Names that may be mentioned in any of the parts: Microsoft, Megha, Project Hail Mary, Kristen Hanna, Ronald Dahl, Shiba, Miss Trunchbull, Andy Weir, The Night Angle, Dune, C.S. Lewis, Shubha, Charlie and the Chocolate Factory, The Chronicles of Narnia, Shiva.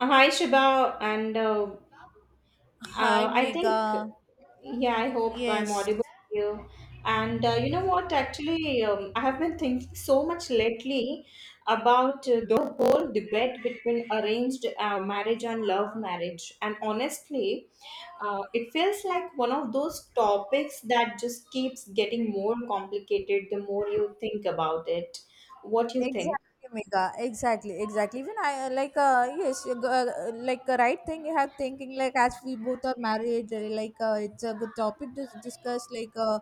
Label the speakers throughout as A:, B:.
A: Hi, Shubha, and
B: Hi,
A: I
B: Mega.
A: think, yeah, I hope I'm
B: Yes.
A: audible to you. And you know what? Actually, I have been thinking so much lately about the whole debate between arranged marriage and love marriage. And honestly, it feels like one of those topics that just keeps getting more complicated the more you think about it. What you think?
B: Exactly, Mega. Exactly, exactly. Even I like yes, like a right thing you have thinking, like as we both are married, like it's a good topic to discuss. Like uh,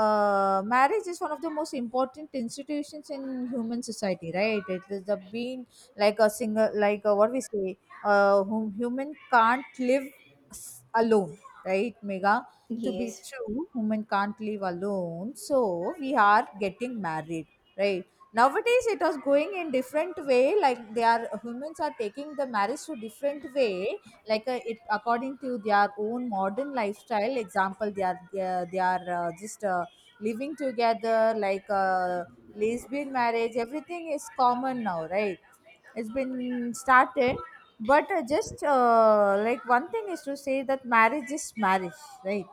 B: uh, Marriage is one of the most important institutions in human society, right? It is the being like a single, like what we say, whom human can't live alone, right, Mega? To be
A: Yes.
B: true, human can't live alone. So we are getting married, right? Nowadays it was going in different way, like they are humans are taking the marriage to different way, like it according to their own modern lifestyle. Example, they are just living together, like lesbian marriage, everything is common now, right? It's been started. But just like one thing is to say that marriage is marriage, right?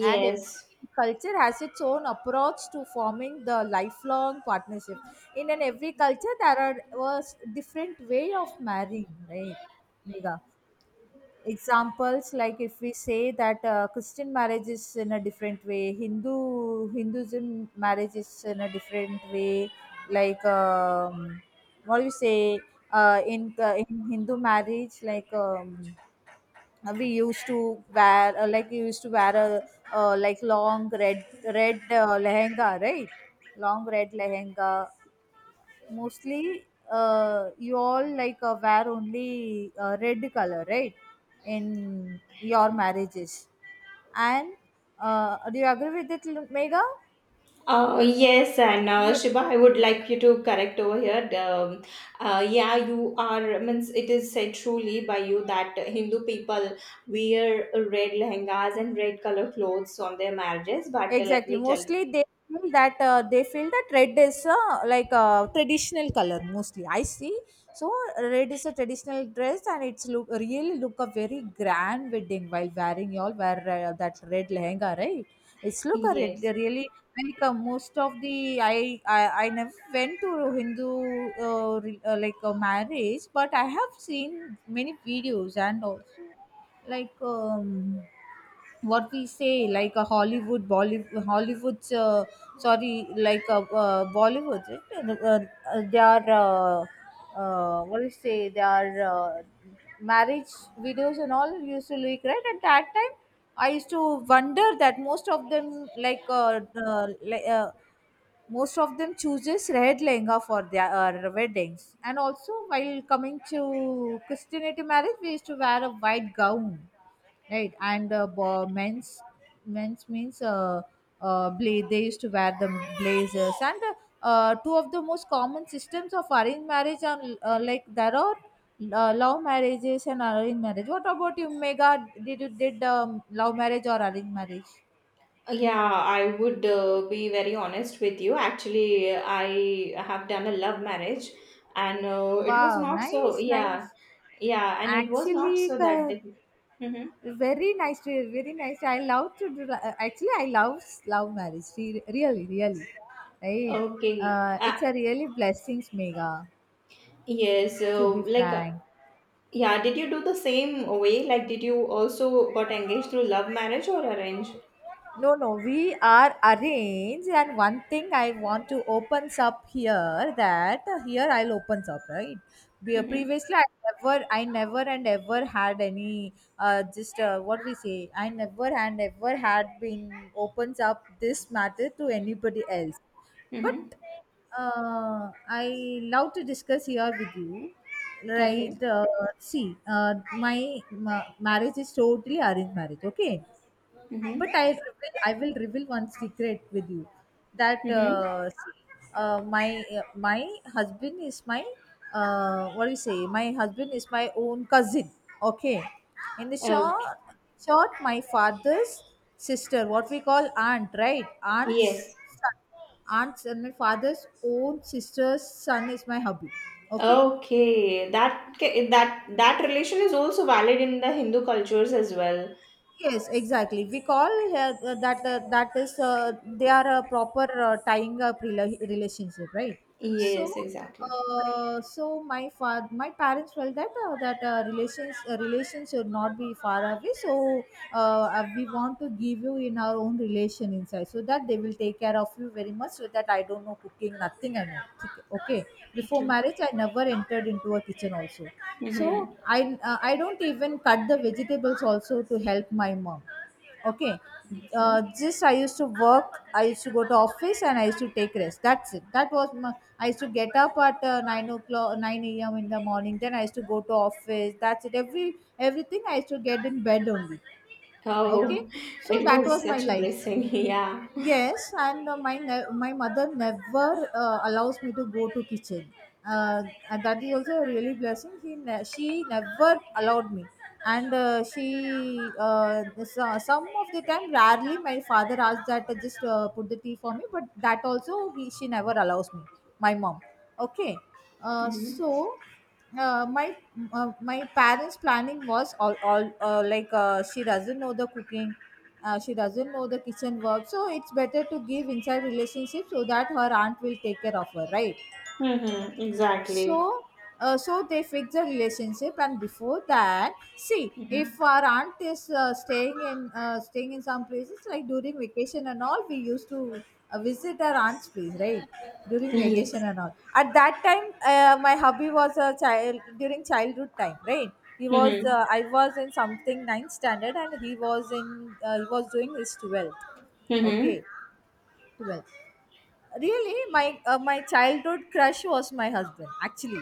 B: And every culture has its own approach to forming the lifelong partnership. In an every culture, there are was different way of marrying, right, Megha? Examples, like if we say that Christian marriage is in a different way, Hinduism marriage is in a different way, like what do you say, in hindu marriage, like we used to wear, like we used to wear a, like long red, lehenga, right? Long red lehenga. Mostly, you all like wear only red color, right? In your marriages. And do you agree with it, Megha?
A: Yes, and
B: Yeah,
A: Shiba, I would like you to correct over here. Yeah, you are, means it is said truly by you that Hindu people wear red lehengas and red color clothes on their marriages. But let
B: exactly.
A: me tell you,
B: Mostly they feel that red is like a traditional color. Mostly, I see. So red is a traditional dress, and it's look really look a very grand wedding while wearing y'all wear that red lehenga, right? It's look a red,
A: yes.
B: really like most of the I never went to Hindu like a marriage, but I have seen many videos and also like what we say, like a Hollywood's sorry, like a Bollywood, they are what do you say, they are marriage videos and all used to look right. At that time, I used to wonder that most of them, like most of them chooses red lehenga for their weddings. And also, while coming to Christianity marriage, we used to wear a white gown, right? And men's means they used to wear the blazers. And two of the most common systems of arranged marriage are like there are love marriages and arranged marriage. What about you, Mega? Did you did love marriage or arranged marriage?
A: Yeah, I would be very honest with you. Actually, I have done a love marriage, and it was
B: Wow,
A: not so,
B: nice,
A: yeah,
B: nice.
A: yeah, and it was not
B: Actually
A: so that difficult. Hmm.
B: Very nice, very nice. I love to do. Actually, I love love marriage. Really, really, right?
A: Okay.
B: It's a really blessings, Mega.
A: Yes.
B: To be
A: So, like,
B: frank,
A: yeah, did you do the same way? Like, did you also got engaged through love marriage or arrange?
B: no, no, we are arranged. And one thing I want to opens up here, that here I'll opens up, right.
A: Mm-hmm.
B: Previously, I never and ever had any just what we say. I never and ever had been opens up this matter to anybody else.
A: Mm-hmm.
B: But I love to discuss here with you.
A: Okay.
B: Right? See, my marriage is totally arranged marriage. Okay,
A: Mm-hmm.
B: but I will reveal one secret with you, that
A: Mm-hmm.
B: see, my my husband is my, what do you say, my husband is my own cousin. Okay, in the
A: Okay.
B: short, my father's sister, what we call aunt, right? Aunt's
A: Yes.
B: son. Aunt's, and my father's own sister's son is my hubby, okay?
A: Okay. That that that relation is also valid in the Hindu cultures as well.
B: Yes, exactly. We call uh, that that is they are a proper tying up relationship, right? So,
A: Yes, exactly.
B: so my father, my parents felt that that relations should not be far away. So, we want to give you in our own relation inside, so that they will take care of you very much, so that I don't know cooking, nothing, I know. Okay, before
A: Okay.
B: marriage I never entered into a kitchen also. So
A: Mm-hmm.
B: i I don't even cut the vegetables also to help my mom, okay?
A: Okay.
B: Just I used to work, I used to go to office, and I used to take rest. That's it. That was my, I used to get up at 9 o'clock, 9 a.m. in the morning, then I used to go to office. That's it. Everything I used to get in bed only, okay?
A: Oh,
B: So
A: it
B: that was
A: was
B: my
A: such a
B: life.
A: blessing. Yeah.
B: Yes, and my mother never allows me to go to kitchen. Uh, and that is also a really blessing. She never allowed me, and some of the time rarely my father asks that just put the tea for me, but that also he she never allows me. My mom. Okay, uh, so my my parents planning was all like she doesn't know the cooking, she doesn't know the kitchen work, so it's better to give inside relationship, so that her aunt will take care of her, right?
A: Mm-hmm. Exactly.
B: So so they fix the relationship. And before that, see,
A: Mm-hmm.
B: if our aunt is staying in some places, like during vacation and all, we used to visit our aunt's place, right? During vacation
A: Yes.
B: and all, at that time my hubby was a child, during childhood time, right? He was
A: Mm-hmm.
B: I was in something ninth standard, and he was in he was doing his 12th. Okay,
A: Mm-hmm.
B: 12th. Really, my my childhood crush was my husband, actually.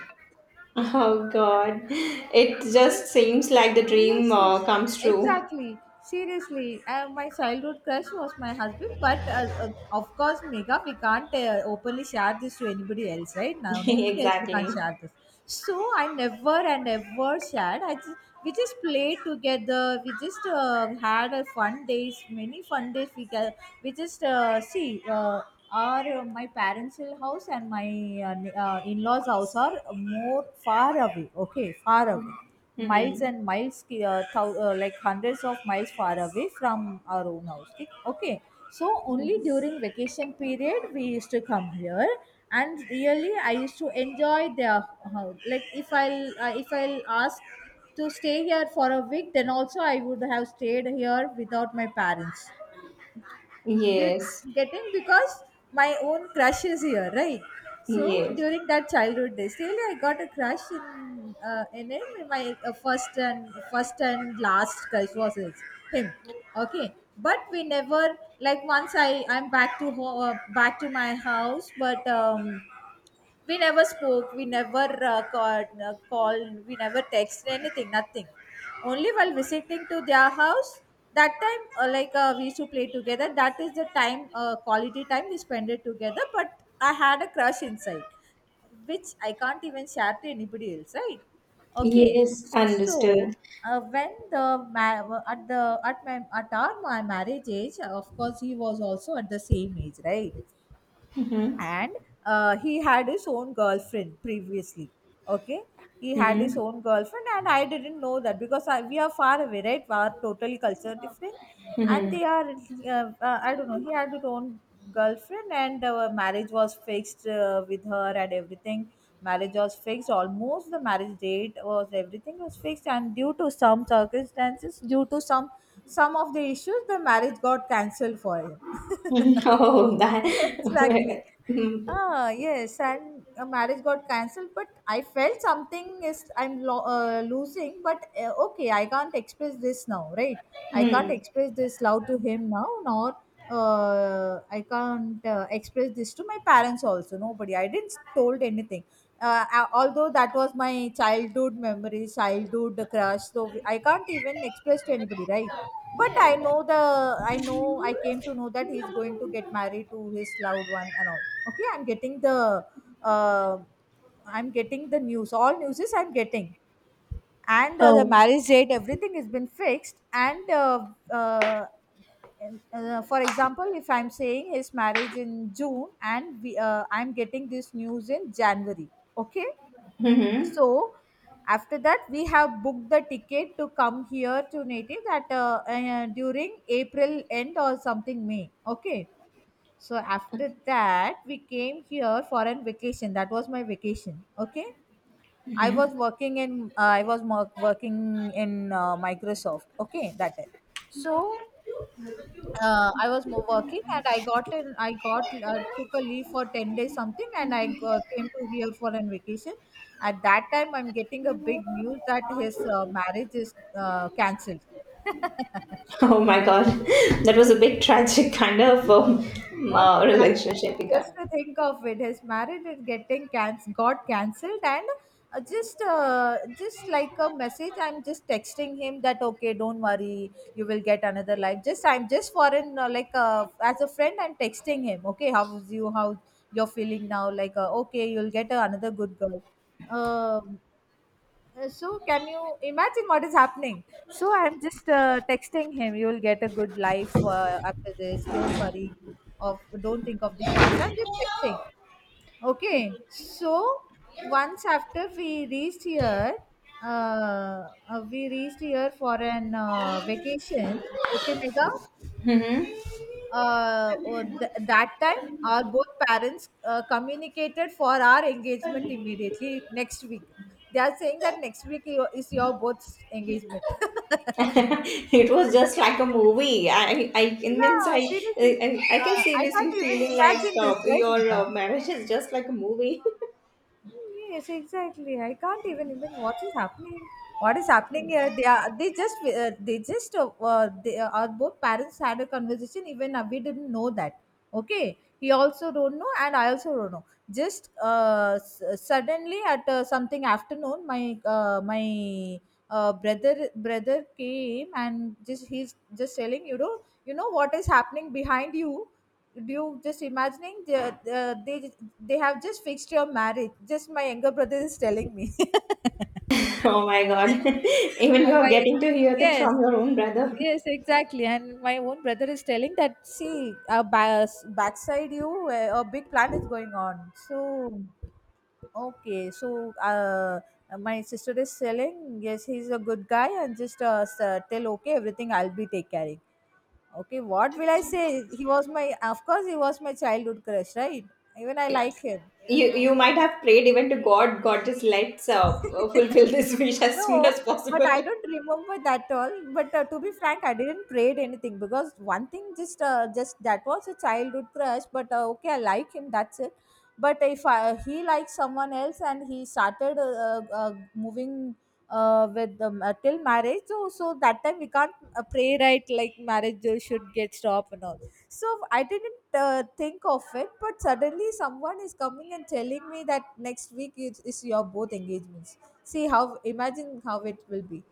A: Oh God, it
B: Ye-
A: just seems like the dream
B: Yes, yes,
A: comes true.
B: exactly. Seriously, my childhood crush was my husband, but of course, Megha, we can't openly share this to anybody else, right? Now, nobody else we can't
A: Exactly.
B: share this. So I never and ever shared. I just, we just played together. We just had a fun days, many fun days. We just see. Our My parents' house and my in-laws' house are more far away. Okay, far away, miles
A: Hmm.
B: and miles, like hundreds of miles far away from our own house, okay? Okay. So only during vacation period we used to come here, and really I used to enjoy their house. Like, if I'll ask to stay here for a week, then also I would have stayed here without my parents did
A: Yes.
B: getting, because my own crush is here, right? So
A: Yes.
B: during that childhood days, really I got a crush in him. My first and last crush was him, okay? But we never, like, once I I'm back to ho- back to my house, but we never spoke, we never called, we never texted anything, nothing. Only while visiting to their house, that time like we used to play together, that is the time quality time we spent it together. But I had a crush inside, which I can't even share to anybody else, right? Okay,
A: Yes.
B: so
A: Understood.
B: when the ma- at the at my at our my marriage age, of course he was also at the same age, right?
A: Hmm.
B: And he had his own girlfriend previously. Okay, he had his
A: Hmm.
B: own girlfriend, and I didn't know that, because we are far away, right? We are totally culture different. And
A: Hmm.
B: they are I don't know, he had his own girlfriend. And marriage was fixed with her and everything. Marriage was fixed, almost the marriage date was everything was fixed, and due to some circumstances, due to some of the issues, the marriage got cancelled for him.
A: Oh, that.
B: Exactly.
A: Mm-hmm.
B: Ah yes, and a marriage got cancelled, but I felt something is losing, but okay, I can't express this now, right? I can't express this love to him now, nor I can't express this to my parents also. Nobody. I didn't told anything. Although that was my childhood memory, childhood crush. So I can't even express to anybody, right? But I know, I came to know that he's going to get married to his loved one and all. Okay, uh, I'm getting the news. All news is I'm getting, and the
A: Oh,
B: marriage date, everything has been fixed. And uh, for example, if I'm saying his marriage in June and I'm getting this news in January. Okay.
A: hmm.
B: So after that, we have booked the ticket to come here to native, that during April end or something, May. Okay. So after that, we came here for a vacation. That was my vacation. Okay. I was working in I was mo- working in Microsoft. Okay, that time. So working, and I got took a leave for 10 days, something, and I came to here for an vacation. At that time, I'm getting a big news that his marriage is cancelled.
A: Oh my God, that was a big tragic kind of
B: What a tragedy.
A: relationship you
B: Just
A: got.
B: to think of it, his marriage is got cancelled, and just like a message, I'm just texting him that okay, don't worry, you will get another life. Just I'm just for an like As a friend, I'm texting him. Okay, how's you? How you're feeling now? Okay, you'll get another good girl. Um So, can you imagine what is happening? So, I'm just texting him, you'll get a good life after this. Don't worry, of don't think of the past. I'm just texting. Okay. So, once after we reached here for an vacation. Okay, Mega?
A: Hmm.
B: That time, our both parents communicated for our engagement immediately next week. They are saying that next week is your both engagement. Yeah,
A: it was just like a movie. It means
B: seriously.
A: I can
B: I can't
A: seriously
B: even
A: feeling like
B: imagine this, right,
A: your
B: Mega?
A: marriage is just like a movie.
B: Yes, exactly. I can't even imagine what is happening. What is happening here? They just they just they, our both parents had a conversation. Even we didn't know that. Okay, he also don't know, and I also don't know. Suddenly at something afternoon, my my brother came and just he's just telling, you know, what is happening behind you. Do you just imagining, they have just fixed your marriage, just my younger brother is telling me. I-
A: oh my god! even you're
B: my,
A: getting to hear that
B: yes,
A: from your own brother.
B: yes, exactly. And my own brother is telling that, see, backside you, a big plan is going on. So okay. So my sister is telling, yes, he's a good guy, and tell okay, everything I'll be take caring. Okay, what will I say? He was my Of course, he was my childhood crush, right? Even I like him.
A: You might have prayed even to God. God just let's fulfill this wish as soon
B: No,
A: as
B: but
A: possible.
B: I don't remember that all. But to be frank, I didn't prayed anything because one thing, just that was a childhood crush. But okay, I like him. That's it. But if I, he likes someone else, and he started moving with till marriage, so that time we can't pray, right, like marriage should get stopped and all. So I didn't think of it, but suddenly someone is coming and telling me that next week is your both engagements. See how, imagine how it will be.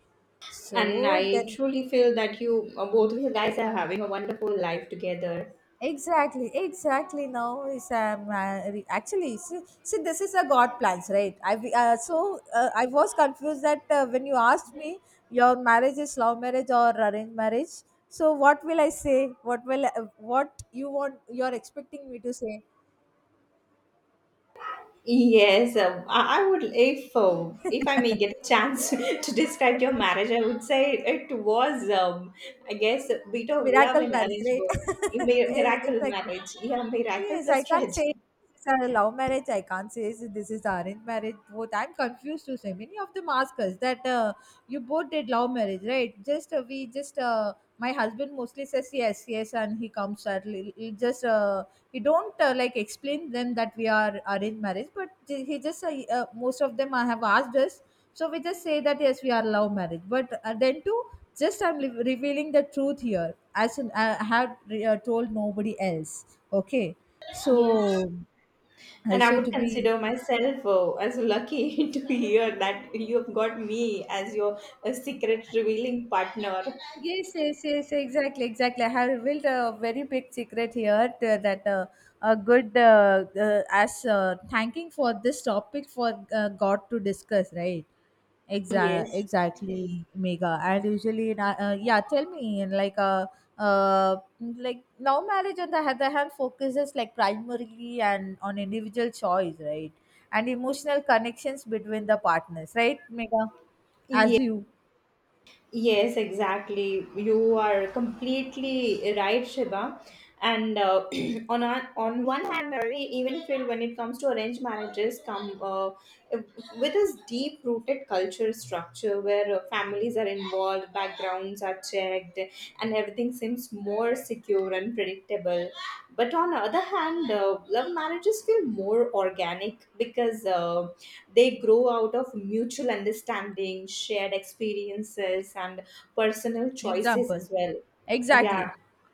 A: And
B: So
A: I
B: then,
A: truly feel that you both of you guys are having a wonderful life together.
B: exactly, exactly. Now is actually, see, this is a God plans, right? I was confused that when you asked me, your marriage is love marriage or arranged marriage. So what will I say? What you want? You're expecting me to say?
A: Yes, I would if I may get a chance to describe your marriage, I would say it was I guess a bit of love
B: Miracle
A: and
B: marriage,
A: arranged
B: right?
A: both. You may
B: Yes,
A: miracle
B: exactly.
A: marriage, yeah, miracle
B: Yes, I
A: plus
B: can't say
A: tragedy.
B: this is a love marriage. I can't say this is arranged marriage. Both I'm confused to say. Many of them ask us that you both did love marriage, right? Just we just My husband mostly says yes, yes, and he comes early. He don't like explain them that we are arranged marriage, but he just most of them have asked us. So we just say that yes, we are love marriage. But then too, just revealing the truth here, as in, I have told nobody else. Okay.
A: Yes,
B: So
A: and I
B: also to
A: would
B: be,
A: consider myself as lucky to hear that you have got me as your secret revealing partner.
B: yes, yes, yes, exactly, exactly. I have revealed a very big secret here that a good as thanking for this topic for God to discuss, right? Exactly,
A: Yes.
B: exactly, Mega. And usually, yeah, tell me, and like, uh, now marriage on the other hand focuses, like primarily and on individual choice, right? And emotional connections between the partners, right, Mega? As you.
A: Yes, exactly. You are completely right, Shiva. And on a, on one hand, I even feel when it comes to arranged marriages, come with this deep rooted culture structure where families are involved, backgrounds are checked, and everything seems more secure and predictable. But on the other hand, love marriages feel more organic because. They grow out of mutual understanding shared experiences and personal choices
B: Example.
A: as well. Yeah,
B: Exactly.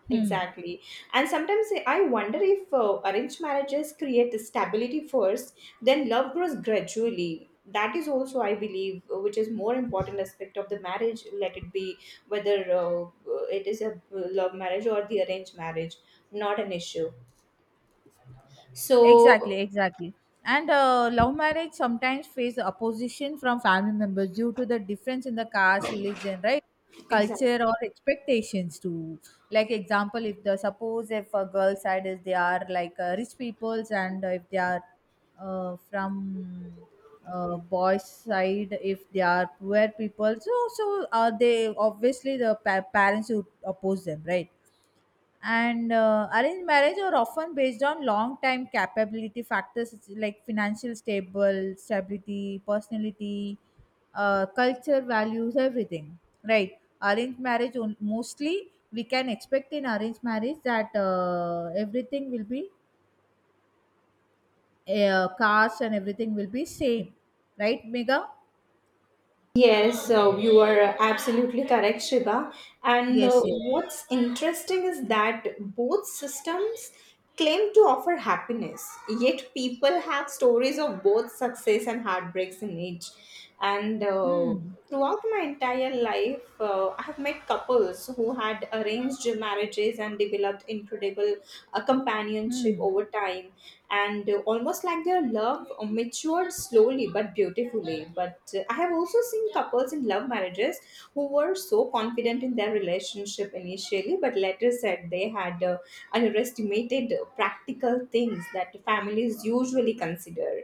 B: Hmm.
A: exactly. And sometimes I wonder if arranged marriages create stability first, then love grows gradually. That is also I believe which is more important aspect of the marriage. Let it be whether it is a love marriage or the arranged marriage, not an issue. So
B: Exactly, exactly. And love marriage sometimes face opposition from family members due to the difference in the caste, religion, right? Culture
A: exactly.
B: or expectations too. Like example, if the suppose if a girl side is, they are like rich peoples, and if they are from boys side, if they are poor people, so are they obviously the parents who oppose them, right? And arranged marriage are often based on long time capability factors. It's like financial stable stability, personality, culture values, everything, right? Mostly we can expect in arranged marriage that everything will be caste, and everything will be same, right, Mega?
A: Yes, you are absolutely correct, Shiva. And
B: Yes, yes.
A: what's interesting is that both systems claim to offer happiness, yet people have stories of both success and heartbreaks in each. And
B: Hmm.
A: throughout my entire life, I have met couples who had arranged marriages and developed incredible companionship
B: Hmm.
A: over time, and almost like their love matured slowly but beautifully. But I have also seen couples in love marriages who were so confident in their relationship initially, but later said they had underestimated practical things that families usually consider,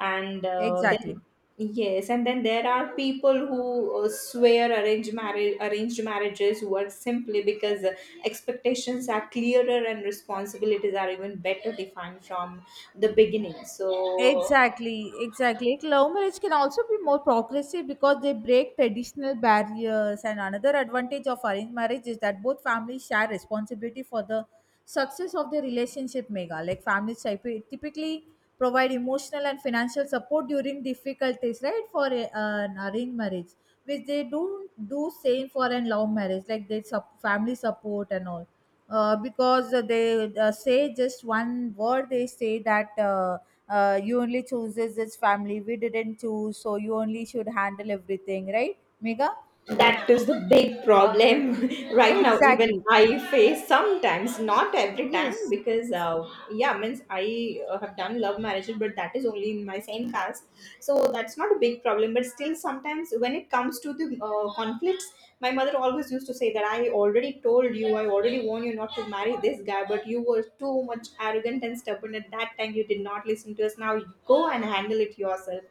A: and
B: Exactly.
A: then yes. And then there are people who swear arranged marriages who are simply because expectations are clearer and responsibilities are even better defined from the beginning. So
B: Exactly, exactly. Like, love marriage can also be more progressive because they break traditional barriers. And another advantage of arranged marriage is that both families share responsibility for the success of their relationship. Mega, like families typically provide emotional and financial support during difficulties, right? For an arranged marriage, which they don't do same for an love marriage, like they family support and all. Because they say just one word, they say that you only chooses this family, we didn't choose, so you only should handle everything, right, Mega?
A: that is the big problem right now. Even
B: Exactly,
A: I face sometimes, not every time,
B: yes.
A: because yeah, means I have done love marriages, but that is only in my same caste, so that's not a big problem. But still, sometimes when it comes to the conflicts, my mother always used to say that I already told you, I already warned you not to marry this guy, but you were too much arrogant and stubborn at that time. You did not listen to us. Now you go and handle it yourself.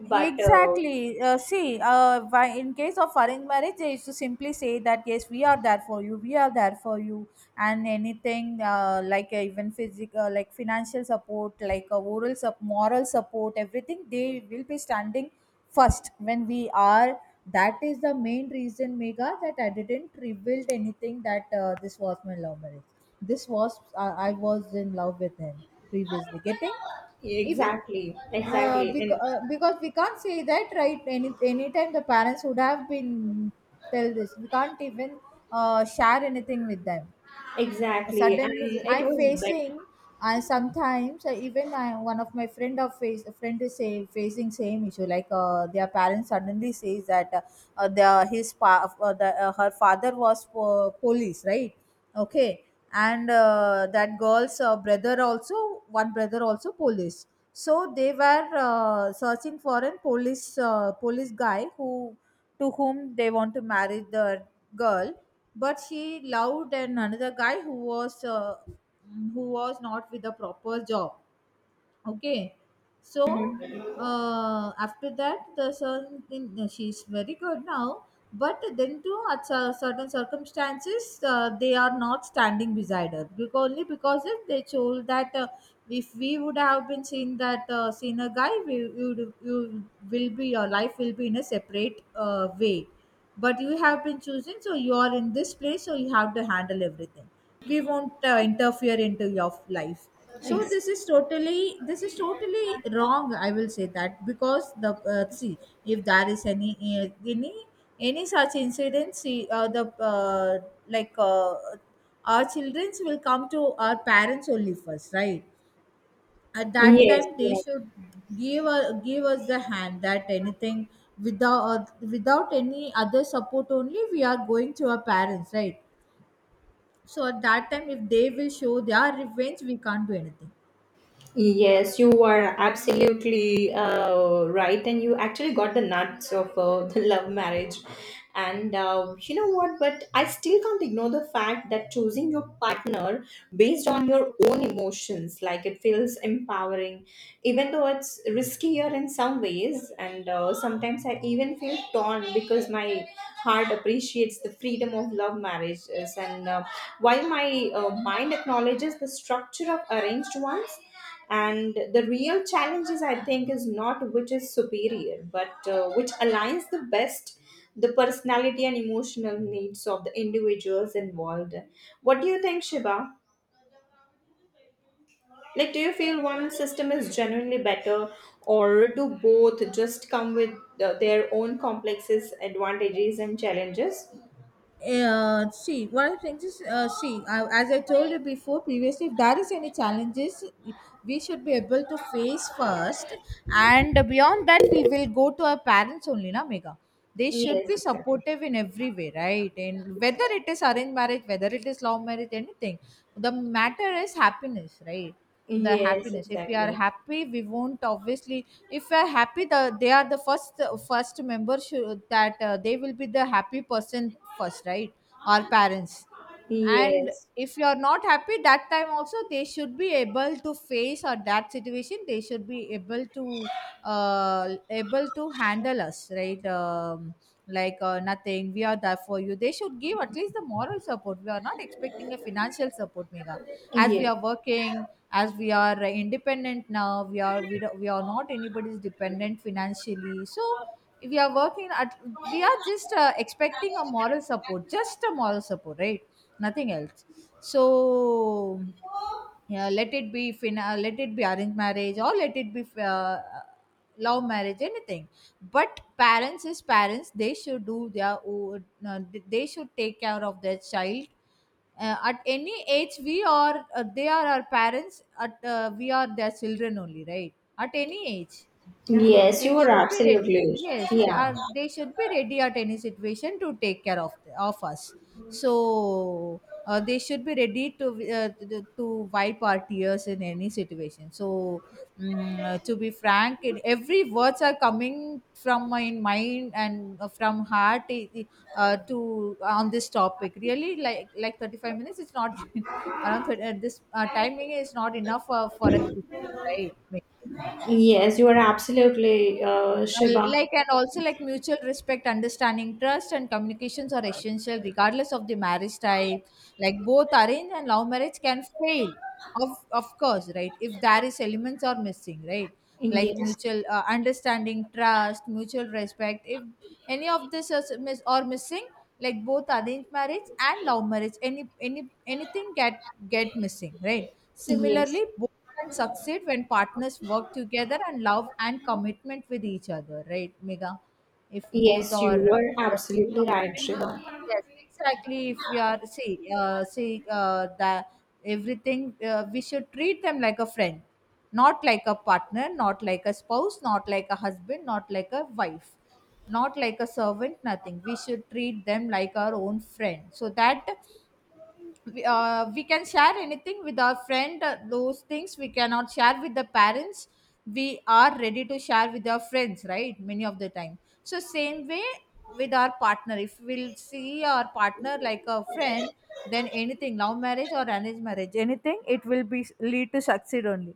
A: But
B: Exactly. See, in case of arranged marriage, they used to simply say that, yes, we are there for you, we are there for you, and anything, even physical, like financial support, moral support, everything they will be standing first when we are. That is the main reason, Mega, that I didn't reveal anything, that this was my love marriage. This was I was in love with him previously. Getting even,
A: exactly, exactly, and
B: because we can't say that, right? Any time the parents would have been tell this, we can't even share anything with them.
A: exactly, and
B: Suddenly
A: it
B: I'm
A: was better.
B: facing, I sometimes I, even I one of my friend of face friend is say, facing same issue, like their parents suddenly says that the his pa, the, her father was police, right? Okay. And that girl's brother also, one brother also police. So they were searching for a police guy, who, to whom they want to marry the girl. But she loved and another guy who was not with a proper job. Okay. So after that, the she's very good now. But then too, at certain circumstances, they are not standing beside her because, only because if they told that, if we would have been seen that, seen a guy, we would, you will be, your life will be in a separate way. But you have been choosing, so you are in this place, so you have to handle everything. We won't interfere into your life. So
A: Ex-
B: this is totally wrong, I will say that, because the see, if there is any any such incident, see, the uh, like our children will come to our parents only first, right? At that
A: yes,
B: time, they
A: correct.
B: should give give us the hand, that anything, without without any other support, only we are going to our parents, right? So at that time, if they will show their revenge, we can't do anything.
A: Yes, you are absolutely right, and you actually got the nuts of the love marriage. And you know what? But I still can't ignore the fact that choosing your partner based on your own emotions, like it feels empowering even though it's riskier in some ways. And sometimes I even feel torn because my heart appreciates the freedom of love marriages, and while my mind acknowledges the structure of arranged ones. And the real challenge is, I think is not which is superior but which aligns the best the personality and emotional needs of the individuals involved. What do you think, Shiva? Like, do you feel one system is genuinely better, or do both just come with the, their own complexes, advantages, and challenges?
B: See, one of the things is, see, as I told you before previously, if there is any challenges, we should be able to face first, and beyond that, we will go to our parents only, na, Mega. They should
A: Yes,
B: be
A: exactly.
B: supportive in every way, right? And whether it is arranged marriage, whether it is love marriage, anything, the matter is happiness, right? The
A: Yes,
B: happiness, if we are
A: exactly.
B: happy, we won't, obviously if we are happy, they are the first member should, that they will be the happy person first, right? Our parents. And
A: Yes,
B: if you're not happy, that time also they should be able to face or that situation, they should be able to able to handle us, right? Nothing, we are there for you, they should give at least the moral support. We are not expecting a financial support, Mega. As we
A: yes.
B: are working, as we are independent now, we are, we are not anybody's dependent financially. So we are working at, we are just expecting a moral support, just a moral support, right? Nothing else. So yeah, let it be arranged marriage or let it be love marriage, anything. But parents is parents, they should do their own. They should take care of their child. At any age we are they are our parents at we are their children only, right, at any age.
A: Yes,
B: They
A: you are
B: should be ready.
A: absolutely.
B: Yes, they
A: Yeah.
B: are. They should be ready at any situation to take care of us. So they should be ready to to wipe our tears in any situation. So to be frank, it, every words are coming from my mind and from heart eh, to on this topic. Really, like 35 minutes. It's not around 30, this timing is not enough for a right.
A: Yes, you are absolutely, Shiba.
B: Like and also like mutual respect, understanding, trust and communications are essential regardless of the marriage type. Like both arranged and love marriage can fail, of course, right, if there is elements are missing, right. Like
A: Yes,
B: mutual understanding, trust, mutual respect, if any of this is miss or missing, like both arranged marriage and love marriage, any anything get missing, right.
A: yes,
B: Similarly, can succeed when partners work together and love and commitment with each other, right, Mega? If both
A: yes,
B: are
A: you are
B: with the same
A: absolutely right,
B: commitment,
A: Shiva.
B: yes, exactly. If we are see, that everything, we should treat them like a friend, not like a partner, not like a spouse, not like a husband, not like a wife, not like a servant. Nothing. We should treat them like our own friend, so that we can share anything with our friend, those things we cannot share with the parents, we are ready to share with our friends, right, many of the time. So same way, with our partner, if we'll see our partner like a friend, then anything, love marriage or arranged marriage, anything, it will be lead to succeed only.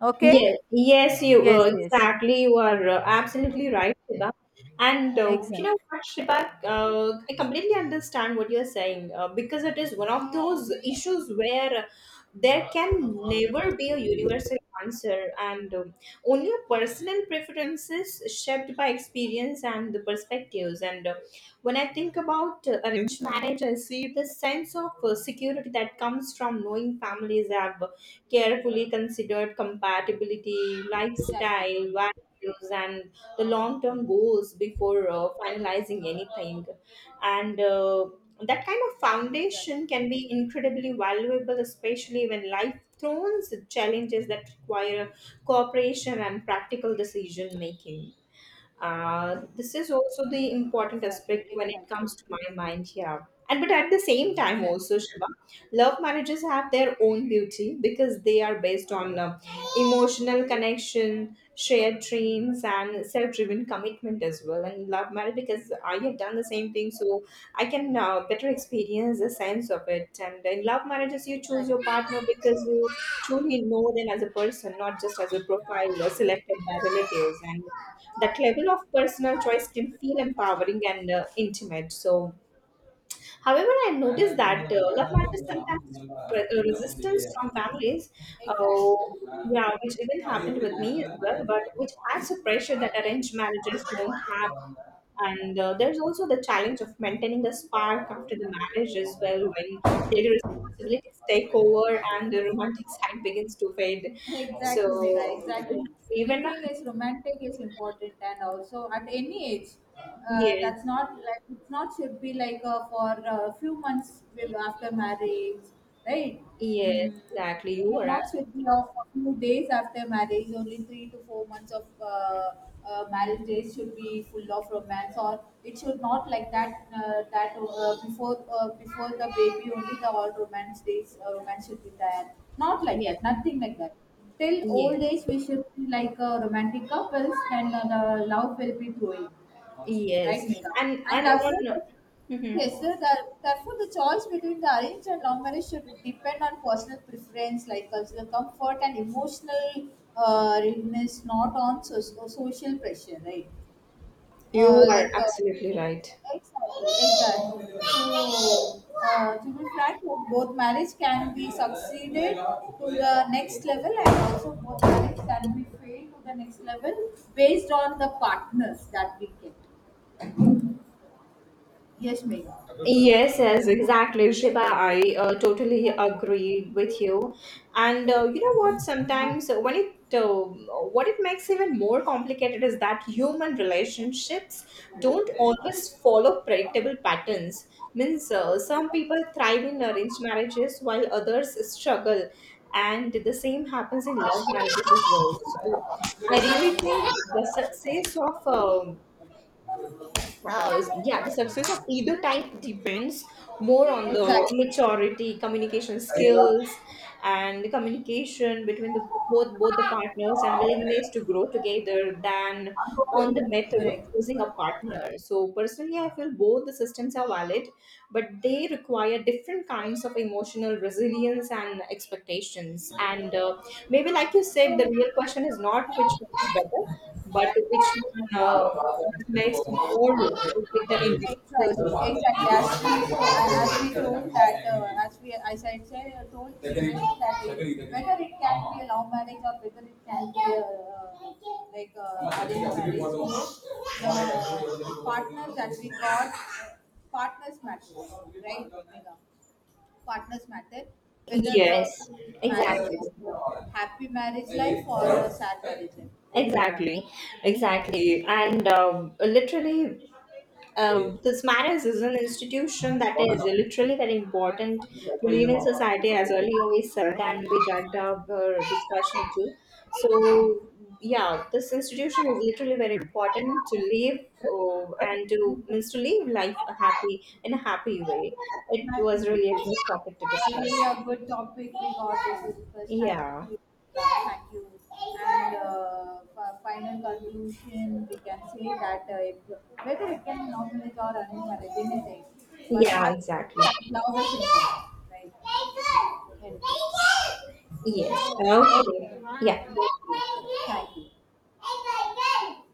B: Okay.
A: Yes, yes, you
B: Yes, yes.
A: exactly. You are absolutely right, Shiba. And you know
B: Exactly,
A: what, Shiba, I completely understand what you're saying because it is one of those issues where there can never be a universal answer, and only personal preferences shaped by experience and the perspectives. And when I think about arranged marriage, I see the sense of security that comes from knowing families have carefully considered compatibility,
B: exactly,
A: lifestyle, values, and the long term goals before finalizing anything. And that kind of
B: exactly,
A: foundation can be incredibly valuable, especially when life throws challenges that require cooperation and practical decision making. This is also the important
B: exactly,
A: aspect when it
B: exactly,
A: comes to my mind here. And but at the same time
B: exactly,
A: also, Shiva, love marriages have their own beauty because they are based on emotional connection, shared dreams, and self-driven commitment as well. And love marriage because I have done the same thing, so I can better experience the sense of it. And in love marriages, you choose your
B: exactly.
A: partner because you truly know them as a person, not just as a profile selected by relatives, and that level of personal choice can feel empowering and intimate. So, however, I noticed that love matters sometimes resistance from families. Uh, yeah, which even happened with me as well, but which adds a pressure that arranged marriages don't have. And there's also the challenge of maintaining the spark after the marriage as well, when daily responsibilities take over and the romantic side begins to fade.
B: Exactly,
A: So,
B: Megha, exactly.
A: even
B: Anything is romantic is important, and also at any age,
A: yes.
B: that's not like it's not should be like for a few months with- after marriage, right?
A: Yes,
B: Mm.
A: exactly. You
B: It
A: are
B: not should be
A: absolutely
B: of a few days after marriage, only 3 to 4 months of marriage days should be full of romance, or it should not like that. Before before the baby, only the all romance days, romance should be there, not like
A: yeah.
B: that, nothing like that. Till old
A: Yes,
B: age, we should be like romantic couples, and the love will be growing, right,
A: yes,
B: Megha? And
A: and
B: yes,
A: on.
B: therefore,
A: Mhm.
B: yes, sir, therefore, the choice between the arranged and long marriage should depend on personal preference, like cultural comfort and emotional readiness, not on social pressure, right?
A: You
B: Uh,
A: are
B: like uh,
A: absolutely right.
B: Exactly, exactly. So, to be frank, both marriage can be succeeded to the next level, and also both marriage can be failed to the next level based on the partners that we get. Yes, Megha.
A: Yes, yes, exactly, Shiba. I totally agree with you. And you know what? Sometimes when it what it makes even more complicated is that human relationships don't always follow predictable patterns. Means some people thrive in arranged marriages while others struggle, and the same happens in love marriages as well. So I really think the success of yeah, the success of either type depends more on the
B: Exactly.
A: maturity, communication skills, and the communication between the both the partners and willingness to grow together than on the method of
B: Correct.
A: choosing a partner. So personally, I feel both the systems are valid, but they require different kinds of emotional resilience and expectations. And maybe, like you said, the real question is not which one is better, but which one. Resonates more with the
B: Exactly, exactly.
A: individuals.
B: As we told, and as we told that, as we, as I said, told Sunil that it, whether it can be a love marriage or whether it can be a, arranged marriage, the partner that we got, partners matter, right? Megha? Partners matter, whether the
A: Yes,
B: marriage
A: exactly.
B: is a happy marriage life or a sad marriage life, both.
A: Exactly, exactly. And literally, this marriage is an institution that is literally very important to live in society, as earlier we said, and we dragged up our discussion too. So, yeah, this institution is literally very important to live and to means to live life a happy in a happy way. It
B: Happy
A: was really a
B: Vikas.
A: good topic to
B: Really
A: discuss.
B: a good topic we got, this is first. Thank
A: Yeah,
B: you. Thank you. And for final conclusion, we can say that if, whether it can normalize or unnormalize anything, but
A: yeah,
B: happy
A: exactly.
B: love is important, right? Anyway.
A: Yes. Okay. Yeah.
B: Okay. Thank you.